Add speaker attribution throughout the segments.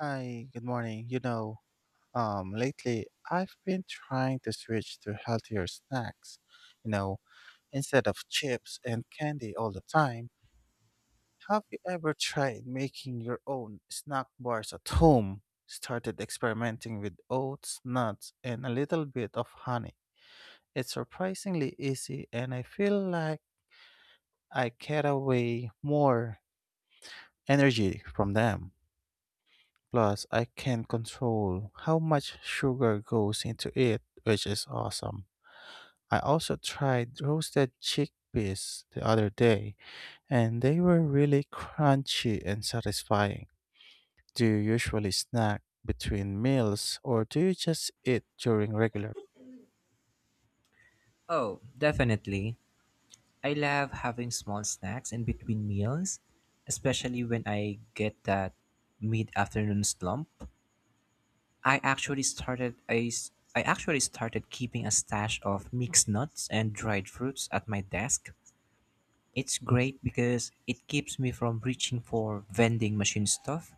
Speaker 1: Hi, good morning. Lately I've been trying to switch to healthier snacks. You know, Instead of chips and candy all the time, have you ever tried making your own snack bars at home? Started experimenting with oats, nuts, and a little bit of honey. It's surprisingly easy, and I feel like I get away more energy from them. Plus, I can control how much sugar goes into it, which is awesome. I also tried roasted chickpeas the other day, and they were really crunchy and satisfying. Do you usually snack between meals, or do you just eat during regular?
Speaker 2: Oh, definitely. I love having small snacks in between meals, especially when I get that mid-afternoon slump. I actually started keeping a stash of mixed nuts and dried fruits at my desk. It's great because it keeps me from reaching for vending machine stuff.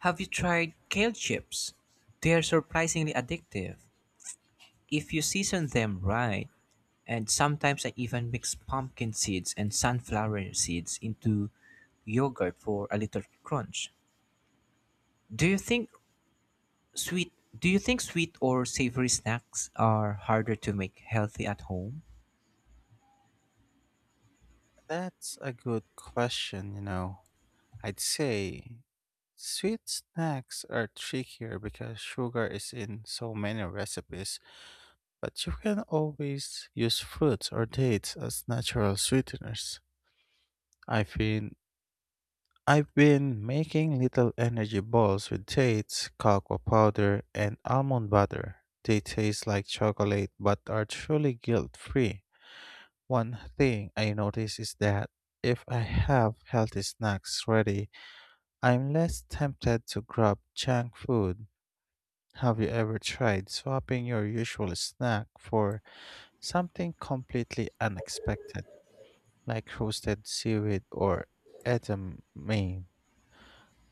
Speaker 2: Have you tried kale chips? They're surprisingly addictive if you season them right. And sometimes I even mix pumpkin seeds and sunflower seeds into yogurt for a little crunch. Do you think sweet do you think sweet or savory snacks are harder to make healthy at home?
Speaker 1: That's a good question. I'd say sweet snacks are trickier because sugar is in so many recipes. But you can always use fruits or dates as natural sweeteners. I've been I've been making little energy balls with dates, cocoa powder, and almond butter. They taste like chocolate but are truly guilt-free. One thing I notice is that if I have healthy snacks ready, I'm less tempted to grab junk food. Have you ever tried swapping your usual snack for something completely unexpected? Like roasted seaweed or edamame.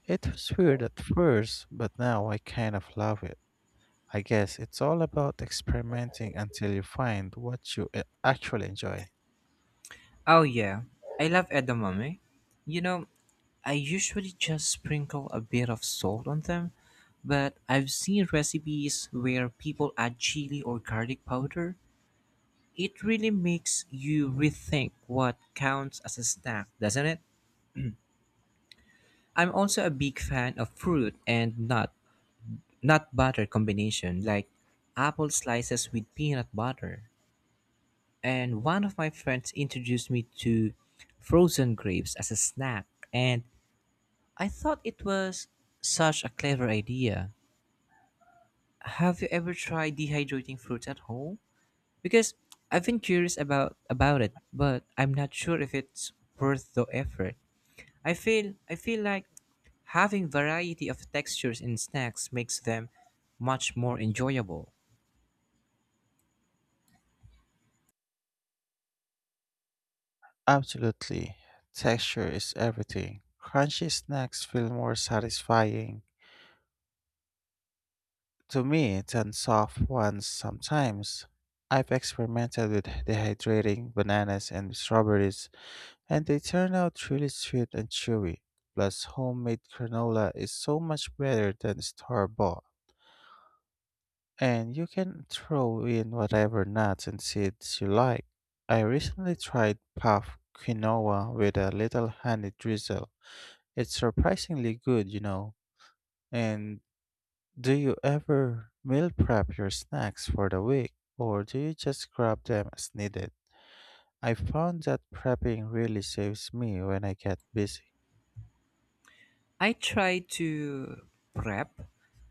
Speaker 1: It was weird at first, but now I kind of love it. I guess it's all about experimenting until you find what you actually enjoy.
Speaker 2: Oh yeah, I love edamame. You know, I usually just sprinkle a bit of salt on them, but I've seen recipes where people add chili or garlic powder. It really makes you rethink what counts as a snack, doesn't it? I'm also a big fan of fruit and nut butter combination like apple slices with peanut butter. And one of my friends introduced me to frozen grapes as a snack and I thought it was such a clever idea. Have you ever tried dehydrating fruits at home? Because I've been curious about it, but I'm not sure if it's worth the effort. I feel like having variety of textures in snacks makes them much more enjoyable.
Speaker 1: Absolutely. Texture is everything. Crunchy snacks feel more satisfying to me than soft ones sometimes. I've experimented with dehydrating bananas and strawberries, and they turn out really sweet and chewy. Plus, homemade granola is so much better than store bought, and you can throw in whatever nuts and seeds you like. I recently tried puff quinoa with a little honey drizzle. It's surprisingly good. And do you ever meal prep your snacks for the week, or do you just grab them as needed? I found that prepping really saves me when I get busy.
Speaker 2: I try to prep,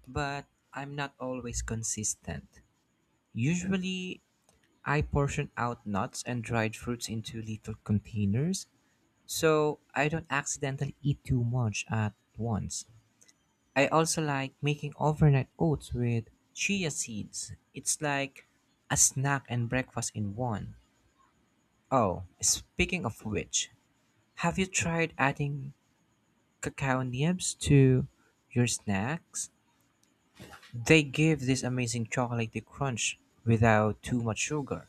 Speaker 2: but I'm not always consistent. Usually, I portion out nuts and dried fruits into little containers so I don't accidentally eat too much at once. I also like making overnight oats with chia seeds. It's like a snack and breakfast in one. Oh, speaking of which, have you tried adding cacao nibs to your snacks? They give this amazing chocolatey crunch without too much sugar.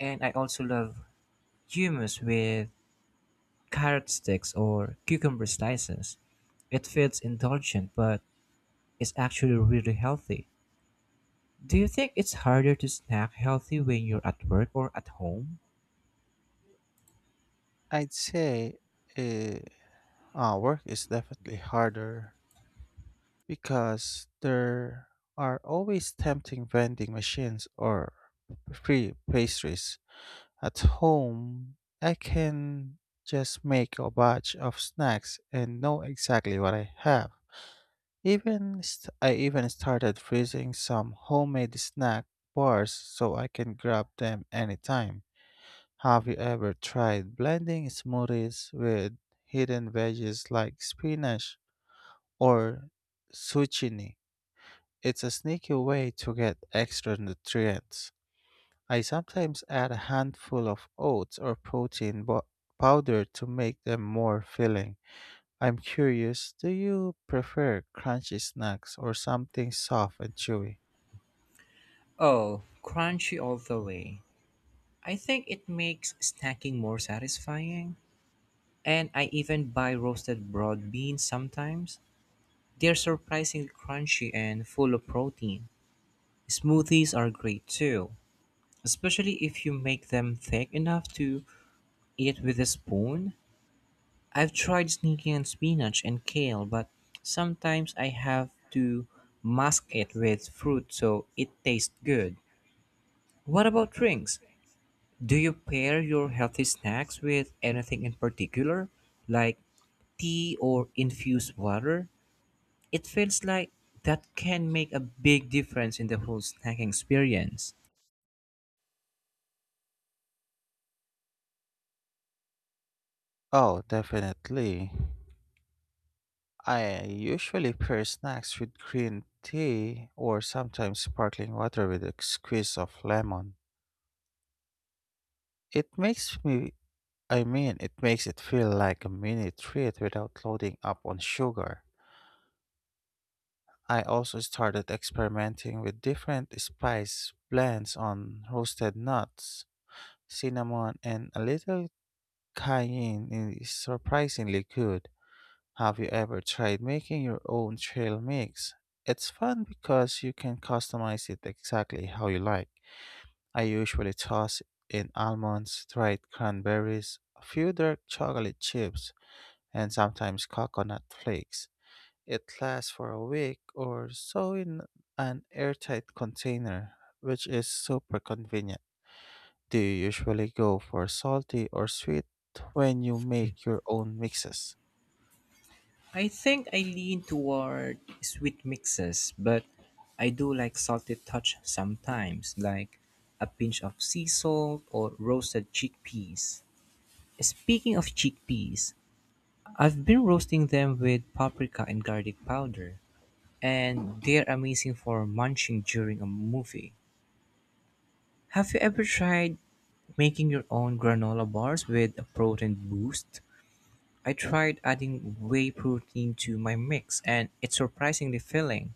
Speaker 2: And I also love hummus with carrot sticks or cucumber slices. It feels indulgent, but it's actually really healthy. Do you think it's harder to snack healthy when you're at work or at home?
Speaker 1: I'd say uh, work is definitely harder because there are always tempting vending machines or free pastries. At home, I can just make a batch of snacks and know exactly what I have. I even started freezing some homemade snack bars so I can grab them anytime. Have you ever tried blending smoothies with hidden veggies like spinach or zucchini? It's a sneaky way to get extra nutrients. I sometimes add a handful of oats or protein powder to make them more filling. I'm curious, do you prefer crunchy snacks or something soft and chewy?
Speaker 2: Oh, crunchy all the way. I think it makes snacking more satisfying. And I even buy roasted broad beans sometimes. They're surprisingly crunchy and full of protein. Smoothies are great too, especially if you make them thick enough to eat with a spoon. I've tried sneaking in spinach and kale, but sometimes I have to mask it with fruit so it tastes good. What about drinks? Do you pair your healthy snacks with anything in particular, like tea or infused water? It feels like that can make a big difference in the whole snacking experience.
Speaker 1: Oh, definitely. I usually pair snacks with green tea or sometimes sparkling water with a squeeze of lemon. It makes it makes it feel like a mini treat without loading up on sugar. I also started experimenting with different spice blends on roasted nuts, cinnamon, and a little cayenne is surprisingly good. Have you ever tried making your own trail mix? It's fun because you can customize it exactly how you like. I usually toss in almonds, dried cranberries, a few dark chocolate chips, and sometimes coconut flakes. It lasts for a week or so in an airtight container, which is super convenient. Do you usually go for salty or sweet when you make your own mixes?
Speaker 2: I think I lean toward sweet mixes, but I do like salty touch sometimes, like a pinch of sea salt or roasted chickpeas. Speaking of chickpeas, I've been roasting them with paprika and garlic powder, and they're amazing for munching during a movie. Have you ever tried making your own granola bars with a protein boost? I tried adding whey protein to my mix and it's surprisingly filling.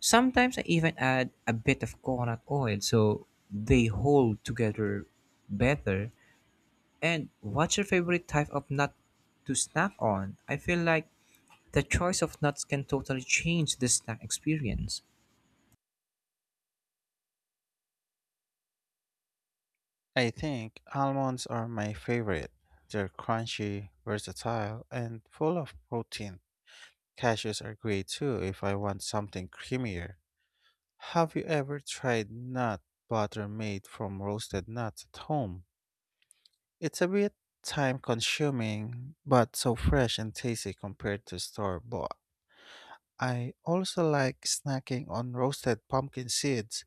Speaker 2: Sometimes I even add a bit of coconut oil so they hold together better. And what's your favorite type of nut to snack on? I feel like the choice of nuts can totally change the snack experience.
Speaker 1: I think almonds are my favorite. They're crunchy, versatile, and full of protein. Cashews are great too if I want something creamier. Have you ever tried nut butter made from roasted nuts at home? It's a bit time consuming, but so fresh and tasty compared to store bought. I also like snacking on roasted pumpkin seeds.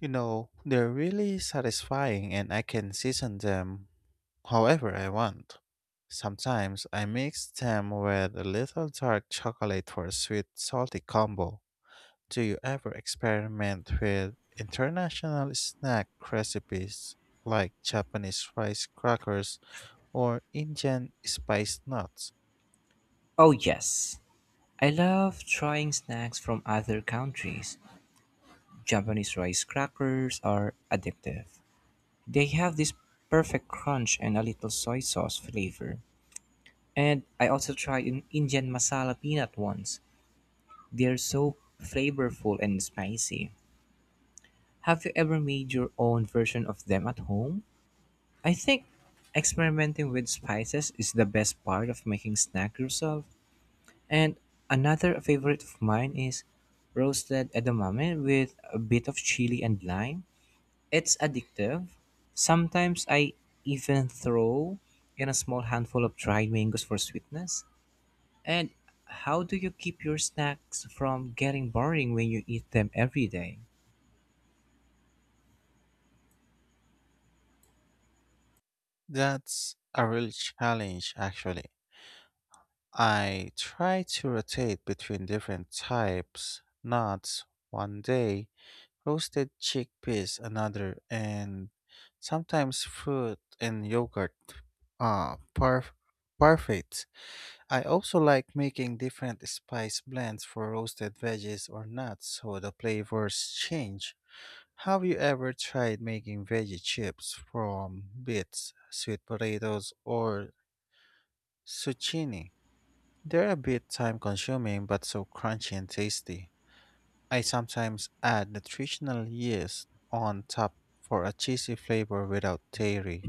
Speaker 1: They're really satisfying and I can season them however I want. Sometimes I mix them with a little dark chocolate for a sweet salty combo. Do you ever experiment with international snack recipes like Japanese rice crackers or Indian spiced nuts?
Speaker 2: Oh, yes. I love trying snacks from other countries. Japanese rice crackers are addictive. They have this perfect crunch and a little soy sauce flavor. And I also tried an Indian masala peanut once. They're so flavorful and spicy. Have you ever made your own version of them at home? I think experimenting with spices is the best part of making snack yourself. And another favorite of mine is roasted edamame with a bit of chili and lime. It's addictive. Sometimes I even throw in a small handful of dried mangoes for sweetness. And how do you keep your snacks from getting boring when you eat them every day?
Speaker 1: That's a real challenge actually. I try to rotate between different types, nuts one day, roasted chickpeas another, and sometimes fruit and yogurt uh parf- parfaits. I also like making different spice blends for roasted veggies or nuts so the flavors change. Have you ever tried making veggie chips from beets, sweet potatoes, or zucchini? They're a bit time consuming but so crunchy and tasty. I sometimes add nutritional yeast on top for a cheesy flavor without dairy.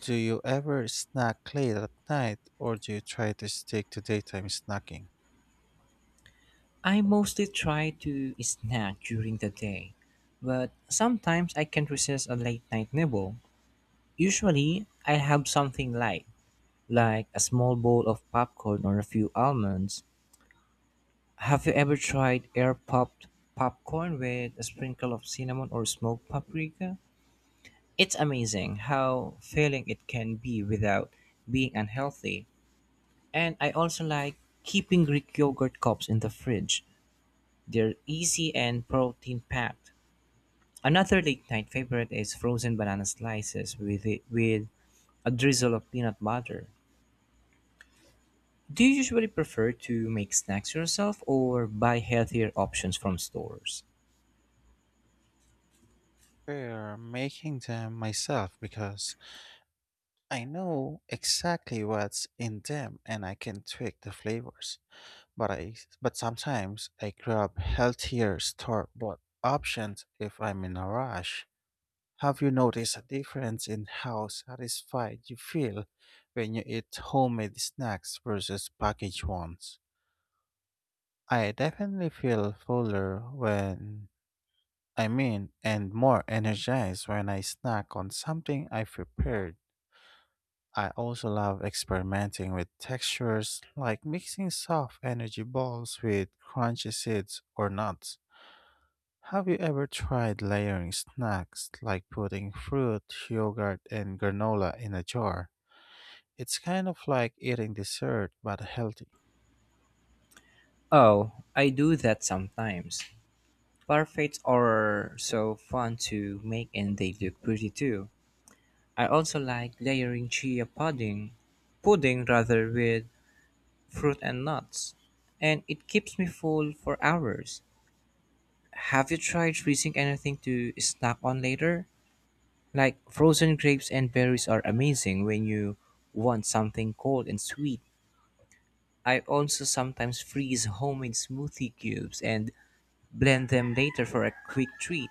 Speaker 1: Do you ever snack late at night or do you try to stick to daytime snacking?
Speaker 2: I mostly try to snack during the day, but sometimes I can't resist a late night nibble. Usually, I have something light, like a small bowl of popcorn or a few almonds. Have you ever tried air popped popcorn with a sprinkle of cinnamon or smoked paprika? It's amazing how filling it can be without being unhealthy. And I also like keeping Greek yogurt cups in the fridge. They're easy and protein packed. Another late night favorite is frozen banana slices with a drizzle of peanut butter. Do you usually prefer to make snacks yourself or buy healthier options from stores?
Speaker 1: Prefer making them myself because I know exactly what's in them and I can tweak the flavors. But I but sometimes I grab healthier store bought options if I'm in a rush. Have you noticed a difference in how satisfied you feel when you eat homemade snacks versus packaged ones? I definitely feel fuller and more energized when I snack on something I prepared. I also love experimenting with textures, like mixing soft energy balls with crunchy seeds or nuts. Have you ever tried layering snacks like putting fruit, yogurt, and granola in a jar? It's kind of like eating dessert but healthy.
Speaker 2: Oh, I do that sometimes. Parfaits are so fun to make and they look pretty too. I also like layering chia pudding, pudding rather with fruit and nuts, and it keeps me full for hours. Have you tried freezing anything to snack on later? Like frozen grapes and berries are amazing when you want something cold and sweet. I also sometimes freeze homemade smoothie cubes and blend them later for a quick treat.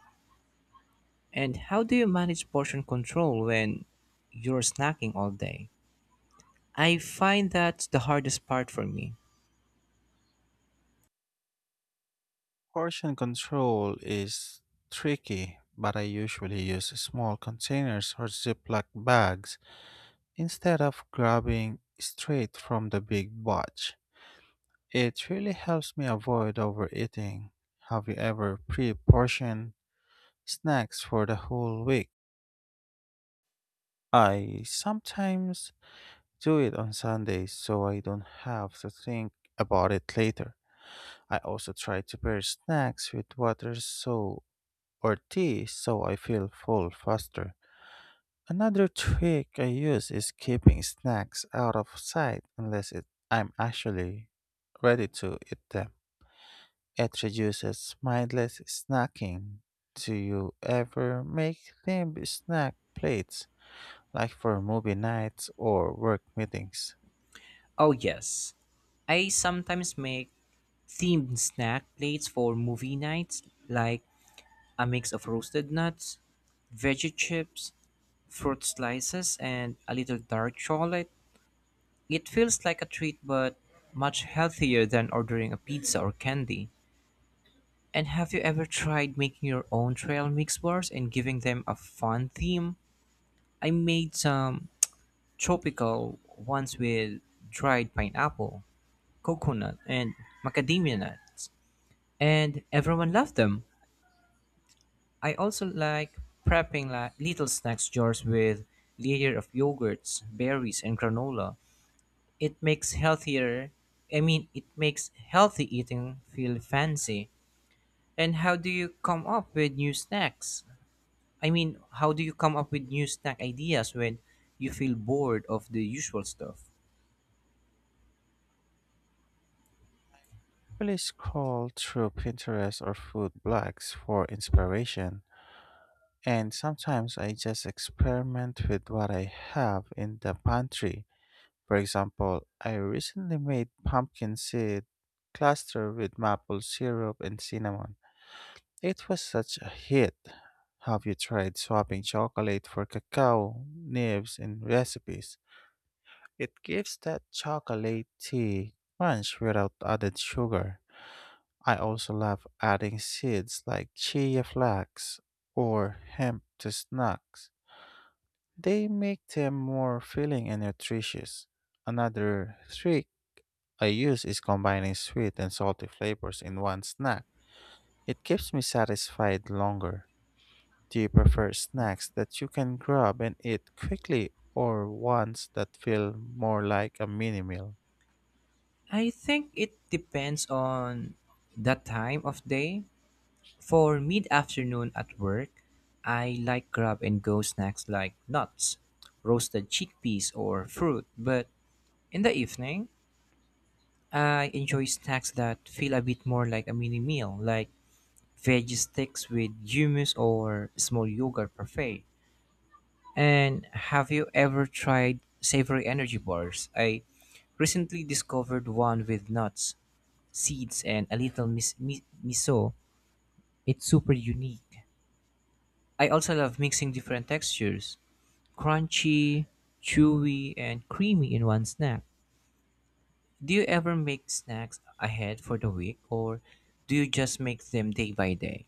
Speaker 2: And how do you manage portion control when you're snacking all day? I find that's the hardest part for me.
Speaker 1: Portion control is tricky, but I usually use small containers or Ziploc bags instead of grabbing straight from the big batch. It really helps me avoid overeating. Have you ever pre portioned snacks for the whole week? I sometimes do it on Sundays so I don't have to think about it later. I also try to pair snacks with water so or tea so I feel full faster. Another trick I use is keeping snacks out of sight unless I'm actually ready to eat them. It reduces mindless snacking. Do you ever make themed snack plates like for movie nights or work meetings?
Speaker 2: Oh, yes. I sometimes make themed snack plates for movie nights, like a mix of roasted nuts, veggie chips, fruit slices, and a little dark chocolate. It feels like a treat, but much healthier than ordering a pizza or candy. And have you ever tried making your own trail mix bars and giving them a fun theme? I made some tropical ones with dried pineapple, coconut, and macadamia nuts, and everyone loved them. I also like prepping like little snacks jars with layer of yogurts, berries, and granola. It makes healthier. I mean, it makes healthy eating feel fancy. And how do you come up with new snacks? I mean, how do you come up with new snack ideas when you feel bored of the usual stuff?
Speaker 1: Please scroll through Pinterest or food blogs for inspiration. And sometimes I just experiment with what I have in the pantry. For example, I recently made pumpkin seed cluster with maple syrup and cinnamon. It was such a hit. Have you tried swapping chocolate for cacao nibs in recipes? It gives that chocolatey crunch without added sugar. I also love adding seeds like chia, flax, or hemp to snacks. They make them more filling and nutritious. Another trick I use is combining sweet and salty flavors in one snack. It keeps me satisfied longer. Do you prefer snacks that you can grab and eat quickly or ones that feel more like a mini meal?
Speaker 2: I think it depends on the time of day. For mid afternoon at work, I like grab and go snacks like nuts, roasted chickpeas, or fruit. But in the evening, I enjoy snacks that feel a bit more like a mini meal, like veggie sticks with hummus or small yogurt parfait. And have you ever tried savory energy bars? I recently discovered one with nuts, seeds, and a little miso. It's super unique. I also love mixing different textures crunchy, chewy, and creamy in one snack. Do you ever make snacks ahead for the week or do you just make them day by day?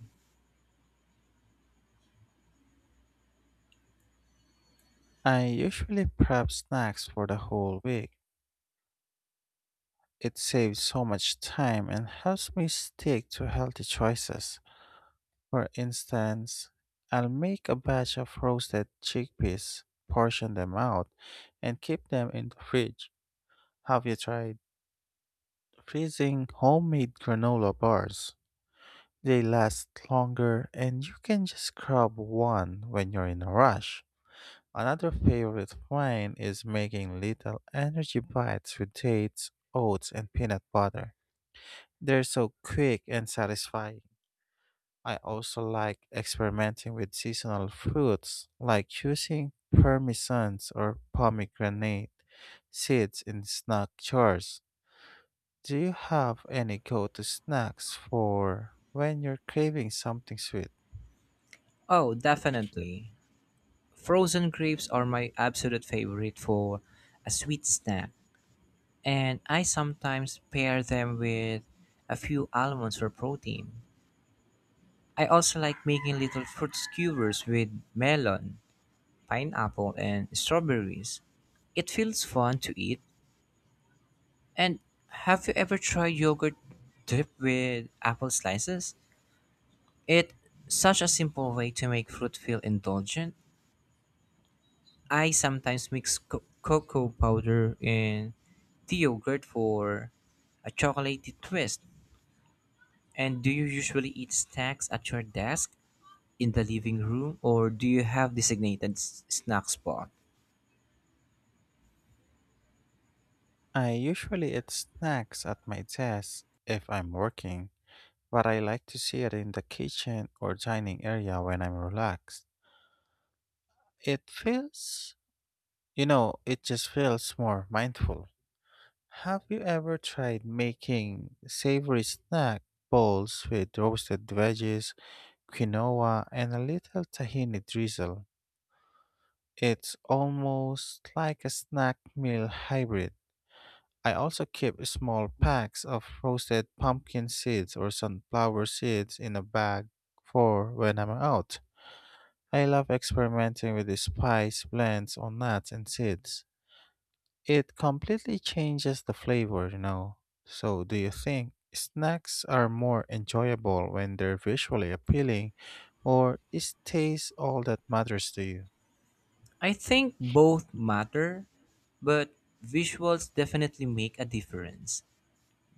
Speaker 1: I usually prep snacks for the whole week. It saves so much time and helps me stick to healthy choices. For instance, I'll make a batch of roasted chickpeas, portion them out, and keep them in the fridge. Have you tried freezing homemade granola bars? They last longer and you can just grab one when you're in a rush. Another favorite of mine is making little energy bites with dates, oats, and peanut butter. They're so quick and satisfying. I also like experimenting with seasonal fruits, like using parmesans or pomegranate seeds in snack jars. Do you have any go to snacks for when you're craving something sweet?
Speaker 2: Oh, definitely. Frozen grapes are my absolute favorite for a sweet snack, and I sometimes pair them with a few almonds for protein. I also like making little fruit skewers with melon, pineapple, and strawberries. It feels fun to eat. And have you ever tried yogurt dipped with apple slices? It's such a simple way to make fruit feel indulgent. I sometimes mix cocoa powder in the yogurt for a chocolatey twist. And do you usually eat snacks at your desk, in the living room, or do you have designated snack spot?
Speaker 1: I usually eat snacks at my desk if I'm working, but I like to see it in the kitchen or dining area when I'm relaxed. It feels, it just feels more mindful. Have you ever tried making savory snack bowls with roasted veggies, quinoa, and a little tahini drizzle? It's almost like a snack meal hybrid. I also keep small packs of roasted pumpkin seeds or sunflower seeds in a bag for when I'm out. I love experimenting with the spice blends on nuts and seeds. It completely changes the flavor. So, do you think snacks are more enjoyable when they're visually appealing, or is taste all that matters to you?
Speaker 2: I think both matter, but visuals definitely make a difference.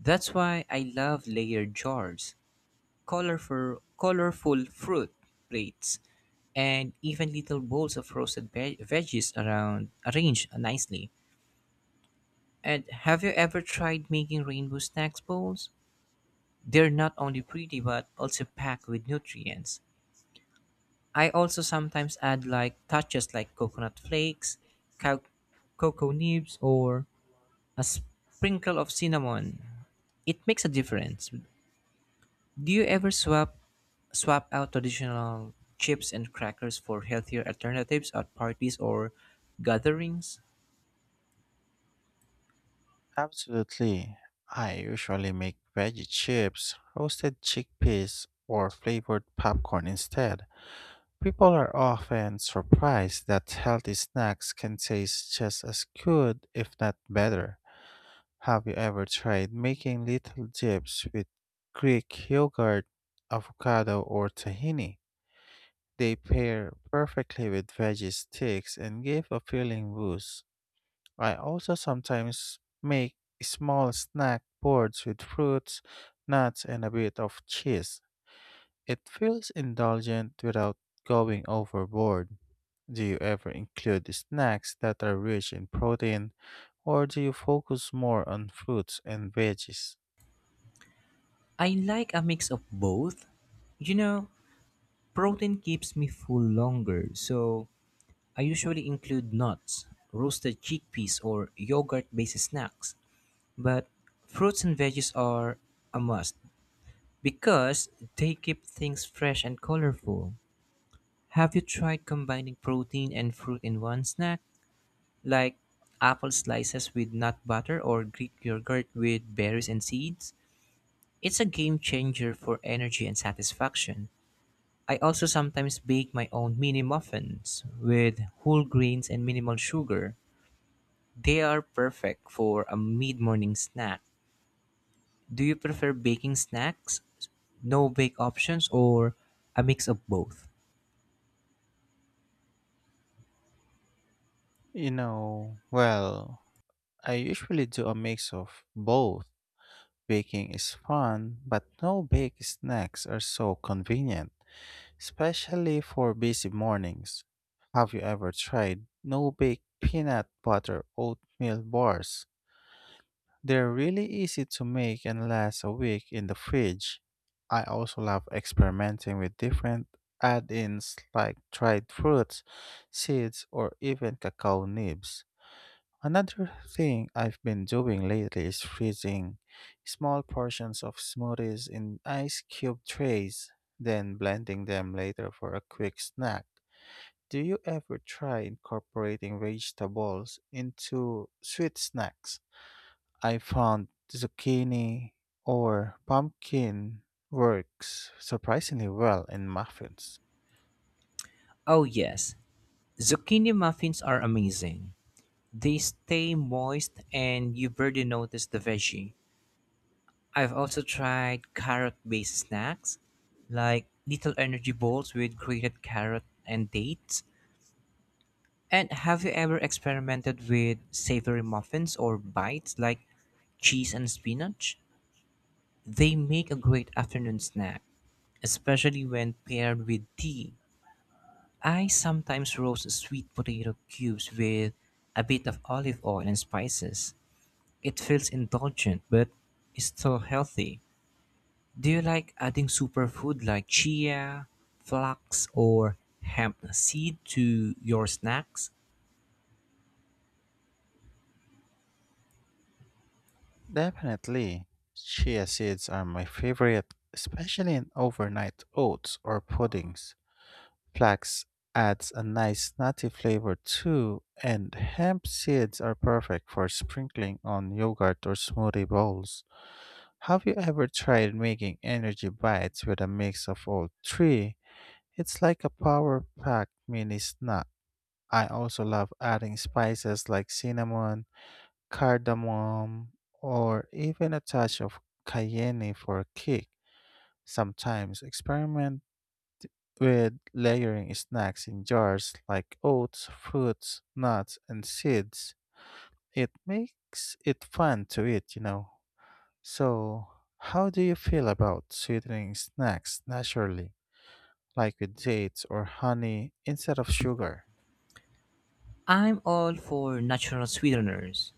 Speaker 2: That's why I love layered jars, colorful fruit plates, and even little bowls of roasted veggies around arranged nicely. And have you ever tried making rainbow snacks bowls? They're not only pretty but also packed with nutrients. I also sometimes add like touches like coconut flakes, cow- cocoa nibs, or a sprinkle of cinnamon. It makes a difference. Do you ever swap out traditional chips and crackers for healthier alternatives at parties or gatherings?
Speaker 1: Absolutely. I usually make veggie chips, roasted chickpeas, or flavored popcorn instead. People are often surprised that healthy snacks can taste just as good, if not better. Have you ever tried making little dips with Greek yogurt, avocado, or tahini? They pair perfectly with veggie sticks and give a filling boost. I also sometimes make small snack boards with fruits, nuts, and a bit of cheese. It feels indulgent without going overboard. Do you ever include snacks that are rich in protein, or do you focus more on fruits and veggies?
Speaker 2: I like a mix of both. You know, protein keeps me full longer, so I usually include nuts, roasted chickpeas, or yogurt based snacks. But fruits and veggies are a must because they keep things fresh and colorful. Have you tried combining protein and fruit in one snack? Like apple slices with nut butter or Greek yogurt with berries and seeds? It's a game changer for energy and satisfaction. I also sometimes bake my own mini muffins with whole grains and minimal sugar. They are perfect for a mid morning snack. Do you prefer baking snacks, no bake options, or a mix of both?
Speaker 1: Well, I usually do a mix of both. Baking is fun, but no bake snacks are so convenient, especially for busy mornings. Have you ever tried no bake peanut butter oatmeal bars? They're really easy to make and last a week in the fridge. I also love experimenting with different add ins like dried fruits, seeds, or even cacao nibs. Another thing I've been doing lately is freezing small portions of smoothies in ice cube trays, then blending them later for a quick snack. Do you ever try incorporating vegetables into sweet snacks? I found zucchini or pumpkin works surprisingly well in muffins.
Speaker 2: Oh, yes. Zucchini muffins are amazing. They stay moist and you barely notice the veggie. I've also tried carrot based snacks like little energy balls with grated carrot and dates. And have you ever experimented with savory muffins or bites like cheese and spinach? They make a great afternoon snack, especially when paired with tea. I sometimes roast sweet potato cubes with a bit of olive oil and spices. It feels indulgent, but it's still healthy. Do you like adding superfood like chia, flax, or hemp seed to your snacks?
Speaker 1: Definitely. Chia seeds are my favorite, especially in overnight oats or puddings. Flax adds a nice nutty flavor too, and hemp seeds are perfect for sprinkling on yogurt or smoothie bowls. Have you ever tried making energy bites with a mix of all three? It's like a power pack mini snack. I also love adding spices like cinnamon, cardamom, or even a touch of cayenne for a kick. Sometimes experiment with layering snacks in jars like oats, fruits, nuts, and seeds. It makes it fun to eat. So, how do you feel about sweetening snacks naturally, like with dates or honey instead of sugar?
Speaker 2: I'm all for natural sweeteners.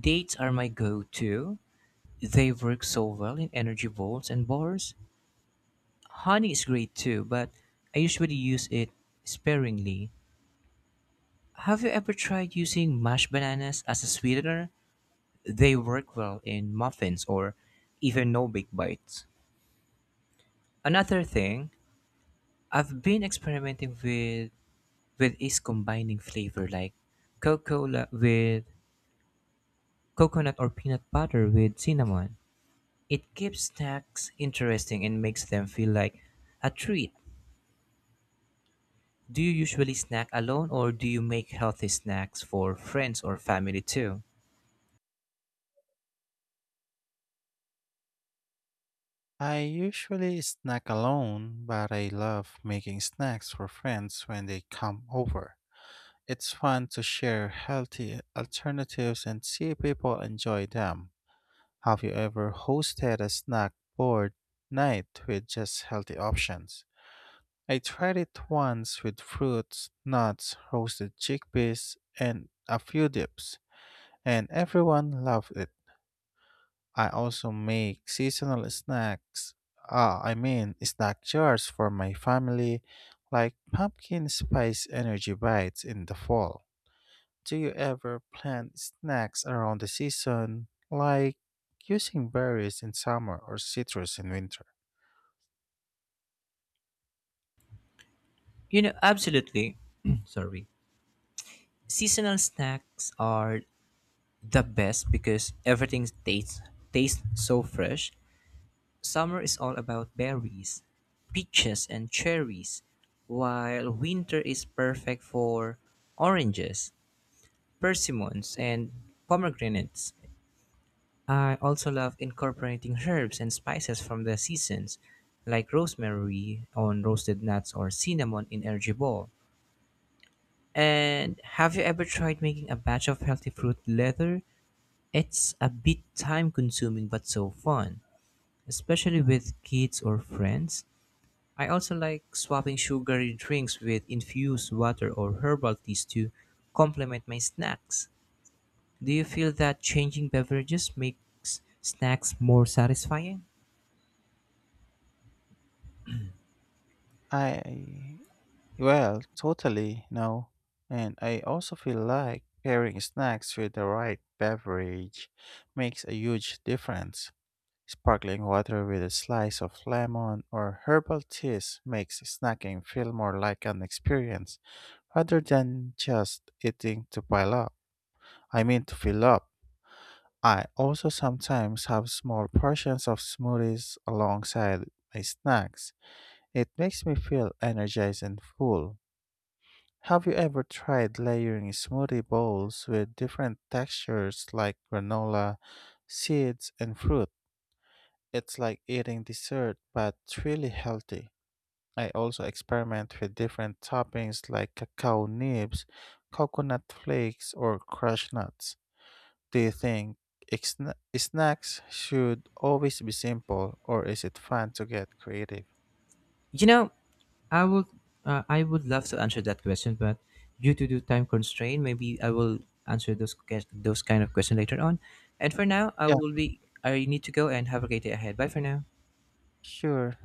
Speaker 2: Dates are my go to. They work so well in energy bowls and bars. Honey is great too, but I usually use it sparingly. Have you ever tried using mashed bananas as a sweetener? They work well in muffins or even no bake bites. Another thing, I've been experimenting with is combining flavor like cocoa la- with coconut or peanut butter with cinnamon. It keeps snacks interesting and makes them feel like a treat. Do you usually snack alone or do you make healthy snacks for friends or family too?
Speaker 1: I usually snack alone, but I love making snacks for friends when they come over. It's fun to share healthy alternatives and see people enjoy them. Have you ever hosted a snack board night with just healthy options? I tried it once with fruits, nuts, roasted chickpeas, and a few dips, and everyone loved it. I also make seasonal snacks, ah, I mean, snack jars for my family, like pumpkin spice energy bites in the fall. Do you ever plan snacks around the season, like using berries in summer or citrus in winter?
Speaker 2: You know, absolutely. Sorry. Seasonal snacks are the best because everything tastes so fresh. Summer is all about berries, peaches and cherries, while winter is perfect for oranges, persimmons and pomegranates. I also love incorporating herbs and spices from the seasons, like rosemary on roasted nuts or cinnamon in energy ball. And have you ever tried making a batch of healthy fruit leather? It's a bit time consuming but so fun, especially with kids or friends. I also like swapping sugary drinks with infused water or herbal teas to complement my snacks. Do you feel that changing beverages makes snacks more satisfying?
Speaker 1: I, well, totally, no. And I also feel like pairing snacks with the right beverage makes a huge difference. Sparkling water with a slice of lemon or herbal teas makes snacking feel more like an experience rather than just eating to pile to fill up. I also sometimes have small portions of smoothies alongside my snacks. It makes me feel energized and full. Have you ever tried layering smoothie bowls with different textures like granola, seeds, and fruit? It's like eating dessert but really healthy. I also experiment with different toppings like cacao nibs, coconut flakes, or crushed nuts. Do you think snacks should always be simple, or is it fun to get creative?
Speaker 2: You know, I would I would love to answer that question, but due to the time constraint, maybe I will answer those kind of question later on. And for now, I
Speaker 1: Yeah,
Speaker 2: will be I need to go and have a great day ahead. Bye for now.
Speaker 1: sure.